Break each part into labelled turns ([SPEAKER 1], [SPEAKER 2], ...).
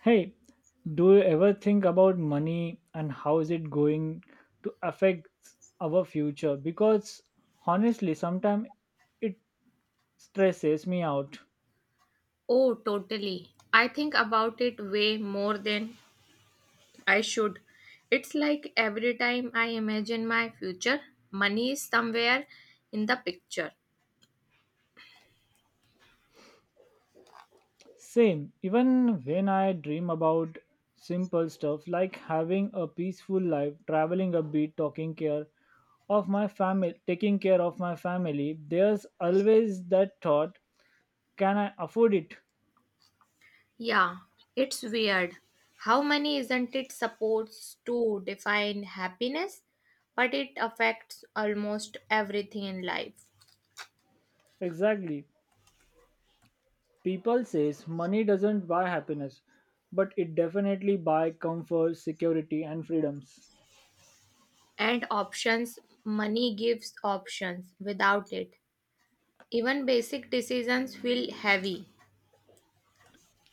[SPEAKER 1] Hey, do you ever think about money and how is it going to affect our future? Because honestly, sometimes it stresses me out.
[SPEAKER 2] Oh, totally. I think about it way more than I should. It's like every time I imagine my future, money is somewhere in the picture.
[SPEAKER 1] Same, even when I dream about simple stuff like having a peaceful life, traveling a bit, taking care of my family, taking care of my family, there's always that thought, can I afford it?
[SPEAKER 2] Yeah, it's weird. How money isn't it supposed to define happiness? But it affects almost everything in life.
[SPEAKER 1] Exactly. People says money doesn't buy happiness, but it definitely buy comfort, security and freedoms.
[SPEAKER 2] And options, money gives options without it. Even basic decisions feel heavy.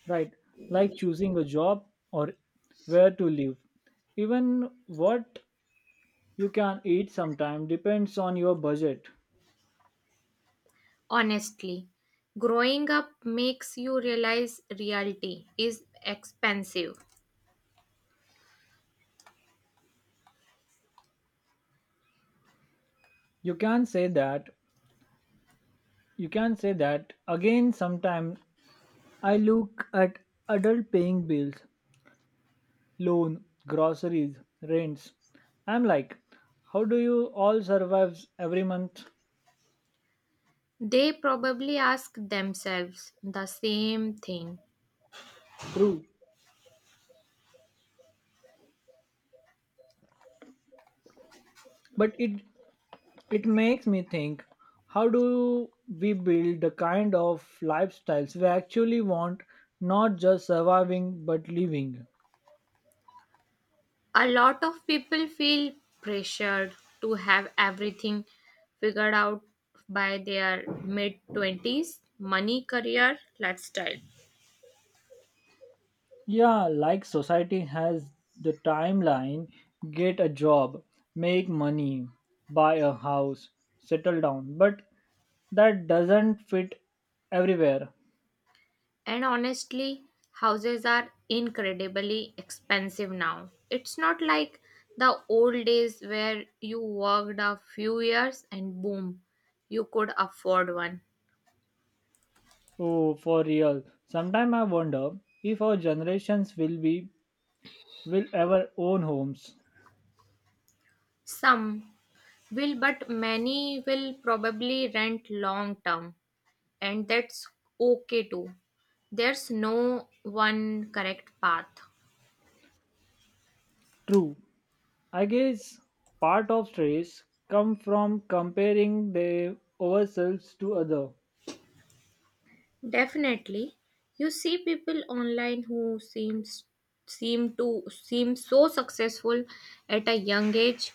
[SPEAKER 1] Right? Like choosing a job or where to live. Even what you can eat sometimes depends on your budget.
[SPEAKER 2] Honestly, growing up makes you realize reality is expensive.
[SPEAKER 1] You can say that you can say that again sometimes I look at adult paying bills, loan, groceries, rents. I'm like, how do you all survive every month?
[SPEAKER 2] They probably ask themselves the same thing.
[SPEAKER 1] True. But it makes me think how do we build the kind of lifestyles we actually want, not just surviving but living?
[SPEAKER 2] A lot of people feel pressured to have everything figured out by their mid 20s money, career, lifestyle.
[SPEAKER 1] Yeah, like society has the timeline get a job, make money, buy a house, settle down, but that doesn't fit everywhere.
[SPEAKER 2] And honestly, houses are incredibly expensive now. It's not like the old days where you worked a few years and boom, you could afford one.
[SPEAKER 1] Oh, for real. Sometimes I wonder if our generations will ever own homes.
[SPEAKER 2] Some will, but many will probably rent long term, and that's okay too. There's no one correct path.
[SPEAKER 1] True, I guess part of stress come from comparing the ourselves to other.
[SPEAKER 2] Definitely. You see people online who seems seem to seem so successful at a young age,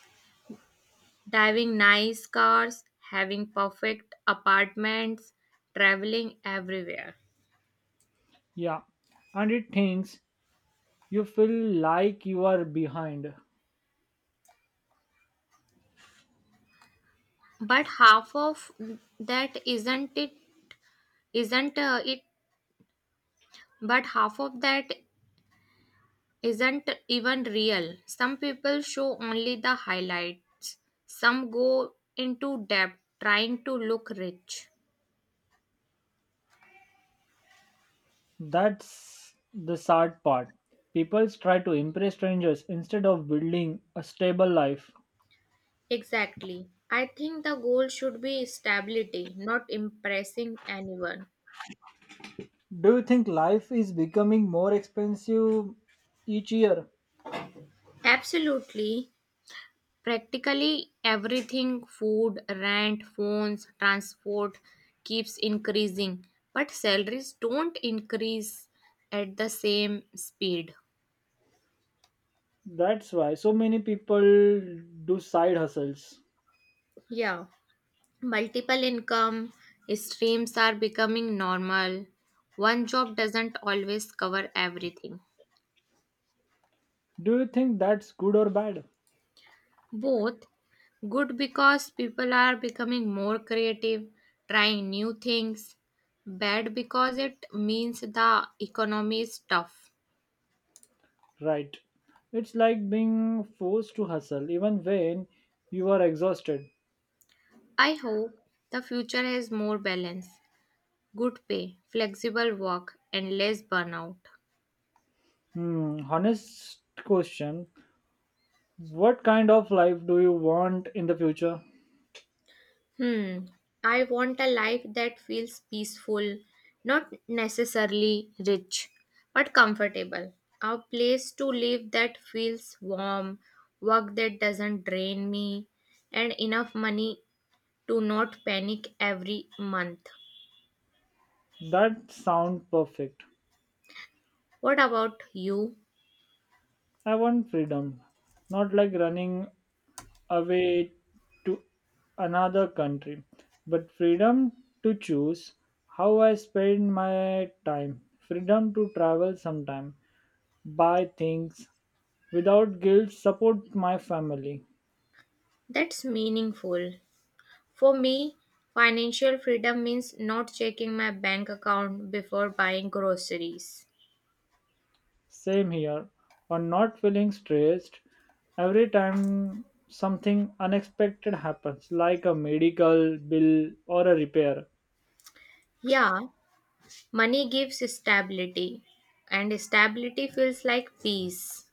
[SPEAKER 2] driving nice cars, having perfect apartments, traveling everywhere.
[SPEAKER 1] Yeah, and it thinks you feel like you are behind.
[SPEAKER 2] But half of that isn't it but half of that isn't even real. Some people show only the highlights. Some go into debt trying to look rich.
[SPEAKER 1] That's the sad part. People try to impress strangers instead of building a stable life.
[SPEAKER 2] Exactly. I think the goal should be stability, not impressing anyone.
[SPEAKER 1] Do you think life is becoming more expensive each year?
[SPEAKER 2] Absolutely. Practically everything food, rent, phones, transport keeps increasing, but salaries don't increase at the same speed.
[SPEAKER 1] That's why so many people do side hustles.
[SPEAKER 2] Yeah, multiple income streams are becoming normal. One job doesn't always cover everything.
[SPEAKER 1] Do you think that's good or bad?
[SPEAKER 2] Both good because people are becoming more creative, trying new things, bad because it means the economy is tough.
[SPEAKER 1] Right. It's like being forced to hustle even when you are exhausted.
[SPEAKER 2] I hope the future has more balance, good pay, flexible work, and less burnout.
[SPEAKER 1] Honest question. What kind of life do you want in the future?
[SPEAKER 2] Hmm. I want a life that feels peaceful, not necessarily rich, but comfortable. A place to live that feels warm, work that doesn't drain me, and enough money to not panic every month.
[SPEAKER 1] That sounds perfect.
[SPEAKER 2] What about you?
[SPEAKER 1] I want freedom, not like running away to another country, but freedom to choose how I spend my time, freedom to travel sometime, buy things without guilt, support my family.
[SPEAKER 2] That's meaningful. For me, financial freedom means not checking my bank account before buying groceries.
[SPEAKER 1] Same here, or not feeling stressed every time something unexpected happens, like a medical bill or a repair.
[SPEAKER 2] Yeah, money gives stability, and stability feels like peace.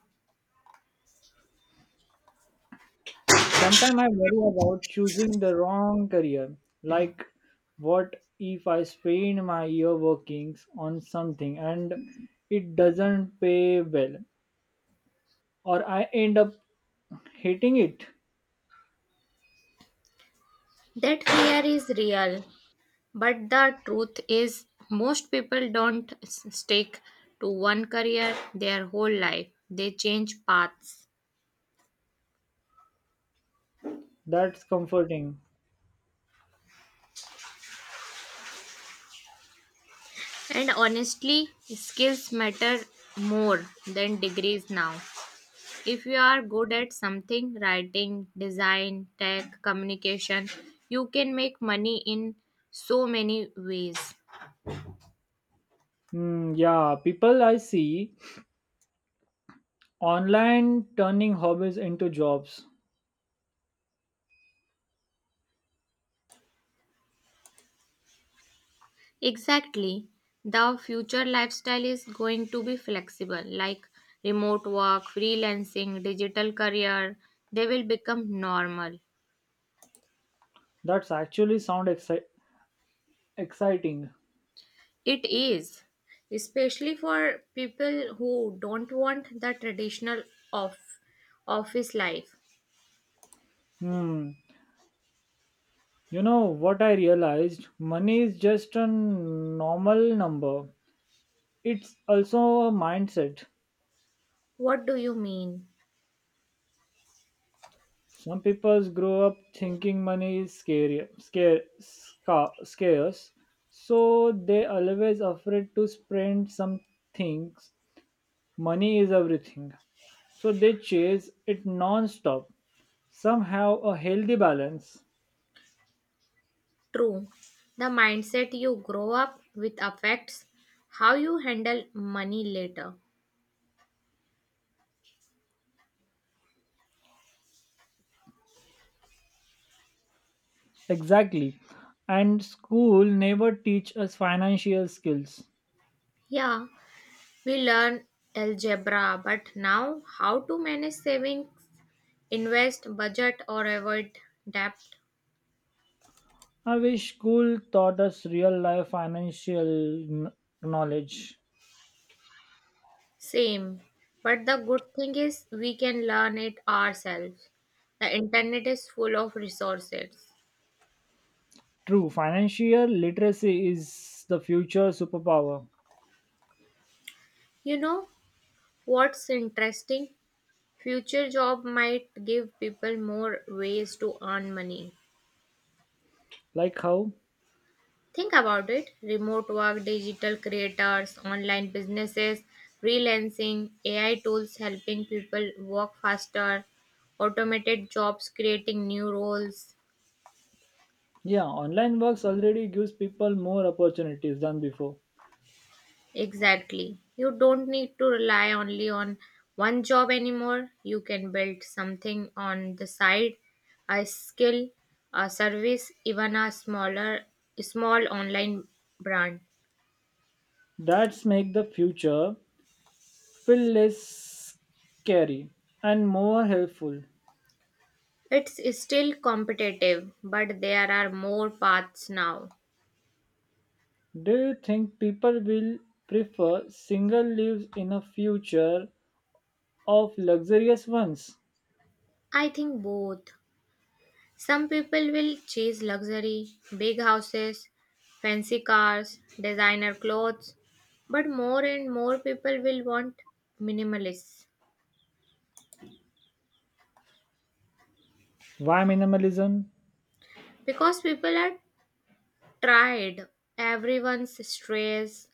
[SPEAKER 1] Sometimes I worry about choosing the wrong career, like what if I spend my year working on something and it doesn't pay well, or I end up hating it?
[SPEAKER 2] That fear is real, but the truth is, most people don't stick to one career their whole life, they change paths.
[SPEAKER 1] That's comforting.
[SPEAKER 2] And honestly, skills matter more than degrees now. If you are good at something, writing, design, tech, communication, you can make money in so many ways.
[SPEAKER 1] Hmm, yeah, people I see online turning hobbies into jobs.
[SPEAKER 2] Exactly. The future lifestyle is going to be flexible, like remote work, freelancing, digital career, they will become normal.
[SPEAKER 1] That's actually sound exciting.
[SPEAKER 2] It is, especially for people who don't want the traditional off- office life.
[SPEAKER 1] Hmm. You know what I realized? Money is just a normal number. It's also a mindset.
[SPEAKER 2] What do you mean?
[SPEAKER 1] Some people grow up thinking money is scarce, so they always afraid to spend some things. Money is everything, so they chase it non-stop. Some have a healthy balance.
[SPEAKER 2] True. The mindset you grow up with affects how you handle money later.
[SPEAKER 1] Exactly. And school never teach us financial skills.
[SPEAKER 2] Yeah, we learn algebra, but now how to manage savings, invest, budget, or avoid debt?
[SPEAKER 1] I wish school taught us real life financial kn- knowledge.
[SPEAKER 2] Same. But the good thing is we can learn it ourselves. The internet is full of resources.
[SPEAKER 1] True, financial literacy is the future superpower.
[SPEAKER 2] You know what's interesting? Future job might give people more ways to earn money.
[SPEAKER 1] Like how?
[SPEAKER 2] Think about it remote work, digital creators, online businesses, freelancing, AI tools helping people work faster, automated jobs creating new roles.
[SPEAKER 1] Yeah, online works already gives people more opportunities than before.
[SPEAKER 2] Exactly. You don't need to rely only on one job anymore. You can build something on the side, a skill, a service, even a small online brand.
[SPEAKER 1] That's make the future feel less scary and more helpful.
[SPEAKER 2] It's still competitive, but there are more paths now.
[SPEAKER 1] Do you think people will prefer single lives in a future of luxurious ones.
[SPEAKER 2] I think both. Some people will chase luxury, big houses, fancy cars, designer clothes, but more and more people will want minimalists
[SPEAKER 1] Why minimalism?
[SPEAKER 2] because people are tired. Everyone's stressed,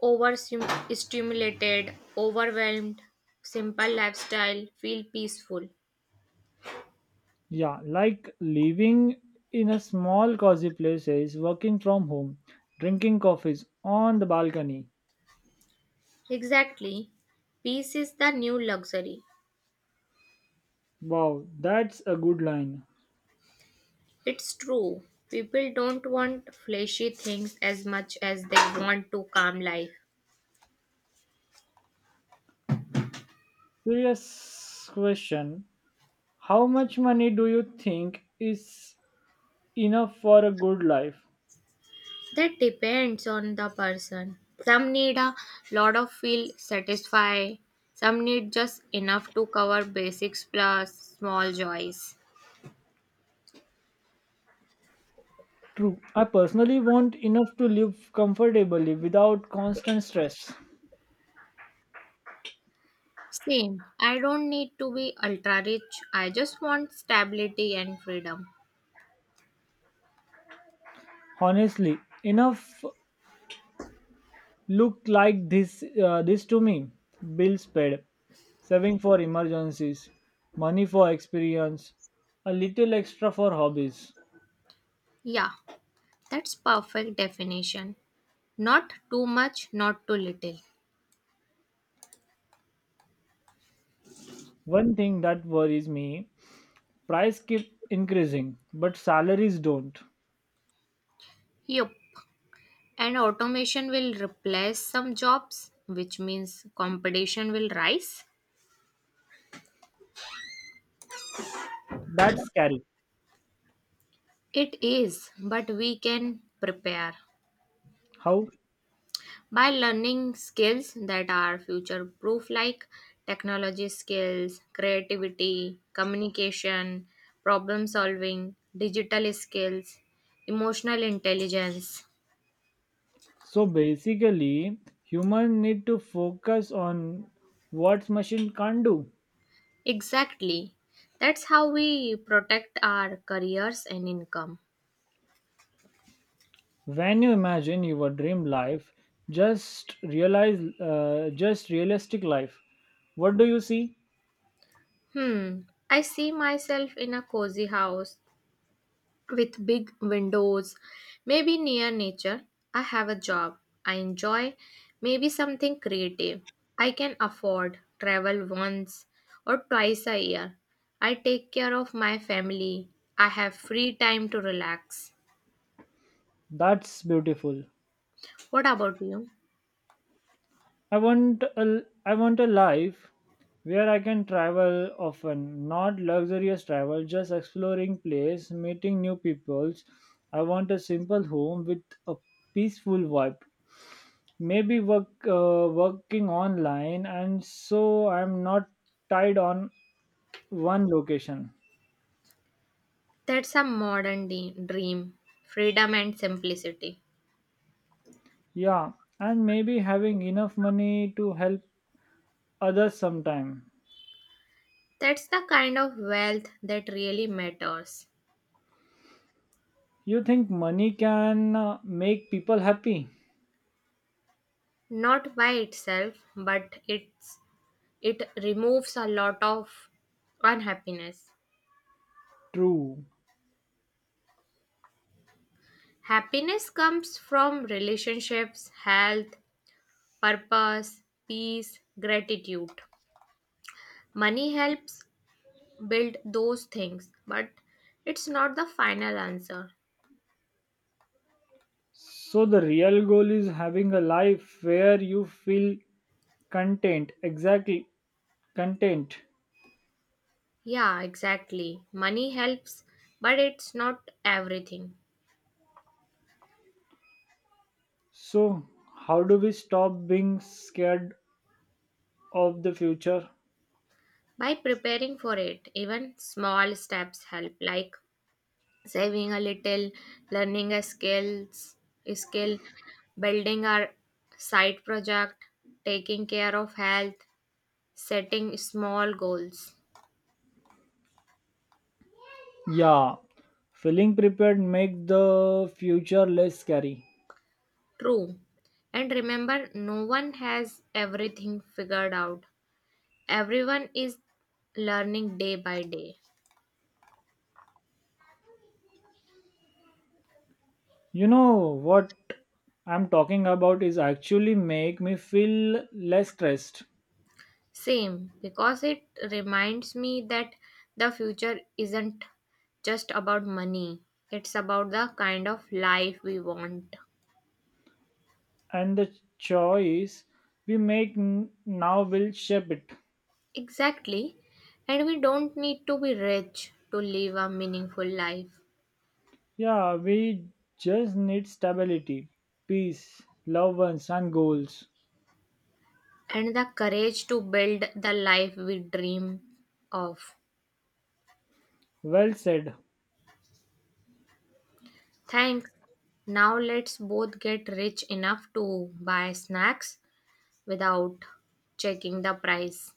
[SPEAKER 2] overstimulated, overwhelmed. Simple lifestyle feel peaceful.
[SPEAKER 1] Yeah, like living in a small cozy places, working from home, drinking coffees on the balcony.
[SPEAKER 2] Exactly. Peace is the new luxury.
[SPEAKER 1] Wow, that's a good line.
[SPEAKER 2] It's true. People don't want flashy things as much as they want to calm life.
[SPEAKER 1] Serious question. How much money do you think is enough for a good life?
[SPEAKER 2] That depends on the person. Some need a lot of feel satisfied. Some need just enough to cover basics plus small joys.
[SPEAKER 1] True. I personally want enough to live comfortably without constant stress.
[SPEAKER 2] Same. I don't need to be ultra rich. I just want stability and freedom.
[SPEAKER 1] Honestly, enough look like this to me. Bills paid, saving for emergencies, money for experience, a little extra for hobbies.
[SPEAKER 2] Yeah, that's perfect definition. Not too much, not too little.
[SPEAKER 1] One thing that worries me, price keep increasing, but salaries don't.
[SPEAKER 2] Yup. And automation will replace some jobs, which means competition will rise.
[SPEAKER 1] That's scary.
[SPEAKER 2] It is, but we can prepare
[SPEAKER 1] How?
[SPEAKER 2] by learning skills that are future proof, like technology skills, creativity, communication, problem solving, digital skills, emotional intelligence.
[SPEAKER 1] So basically, human need to focus on what machine can't do.
[SPEAKER 2] Exactly. That's how we protect our careers and income.
[SPEAKER 1] When you imagine your dream life, just realistic life. What do you see?
[SPEAKER 2] Hmm. I see myself in a cozy house with big windows, maybe near nature. I have a job I enjoy, maybe something creative I can afford, travel once or twice a year. I take care of my family. I have free time to relax.
[SPEAKER 1] That's beautiful.
[SPEAKER 2] What about you?
[SPEAKER 1] I want a life where I can travel often, not luxurious travel, just exploring place, meeting new peoples. I want a simple home with a peaceful vibe. Maybe working online, and so I'm not tied on one location.
[SPEAKER 2] That's a modern dream freedom and simplicity.
[SPEAKER 1] Yeah, and maybe having enough money to help others sometime.
[SPEAKER 2] That's the kind of wealth that really matters.
[SPEAKER 1] You think money can make people happy?
[SPEAKER 2] Not by itself, but it removes a lot of unhappiness.
[SPEAKER 1] True.
[SPEAKER 2] Happiness comes from relationships, health, purpose, peace, gratitude. Money helps build those things, but it's not the final answer.
[SPEAKER 1] So the real goal is having a life where you feel content. Exactly, content.
[SPEAKER 2] Yeah, exactly. Money helps, but it's not everything.
[SPEAKER 1] So how do we stop being scared of the future?
[SPEAKER 2] By preparing for it, even small steps help, like saving a little, learning a skill, building our side project, taking care of health, setting small goals.
[SPEAKER 1] Yeah, feeling prepared make the future less scary.
[SPEAKER 2] True. And remember, no one has everything figured out. Everyone is learning day by day.
[SPEAKER 1] You know what I'm talking about is actually make me feel less stressed.
[SPEAKER 2] Same, because it reminds me that the future isn't just about money, it's about the kind of life we want.
[SPEAKER 1] And the choice we make now will shape it.
[SPEAKER 2] Exactly. And we don't need to be rich to live a meaningful life
[SPEAKER 1] Yeah, we just need stability, peace, loved ones, and goals.
[SPEAKER 2] and the courage to build the life we dream of.
[SPEAKER 1] Well said.
[SPEAKER 2] Thanks. Now let's both get rich enough to buy snacks without checking the price.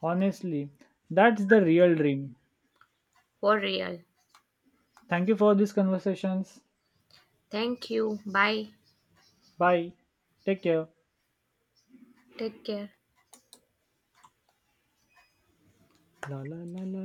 [SPEAKER 1] Honestly, that's the real dream.
[SPEAKER 2] For real.
[SPEAKER 1] Thank you for these conversations.
[SPEAKER 2] Thank you. Bye.
[SPEAKER 1] Bye. Take care.
[SPEAKER 2] Take care.
[SPEAKER 1] La la la la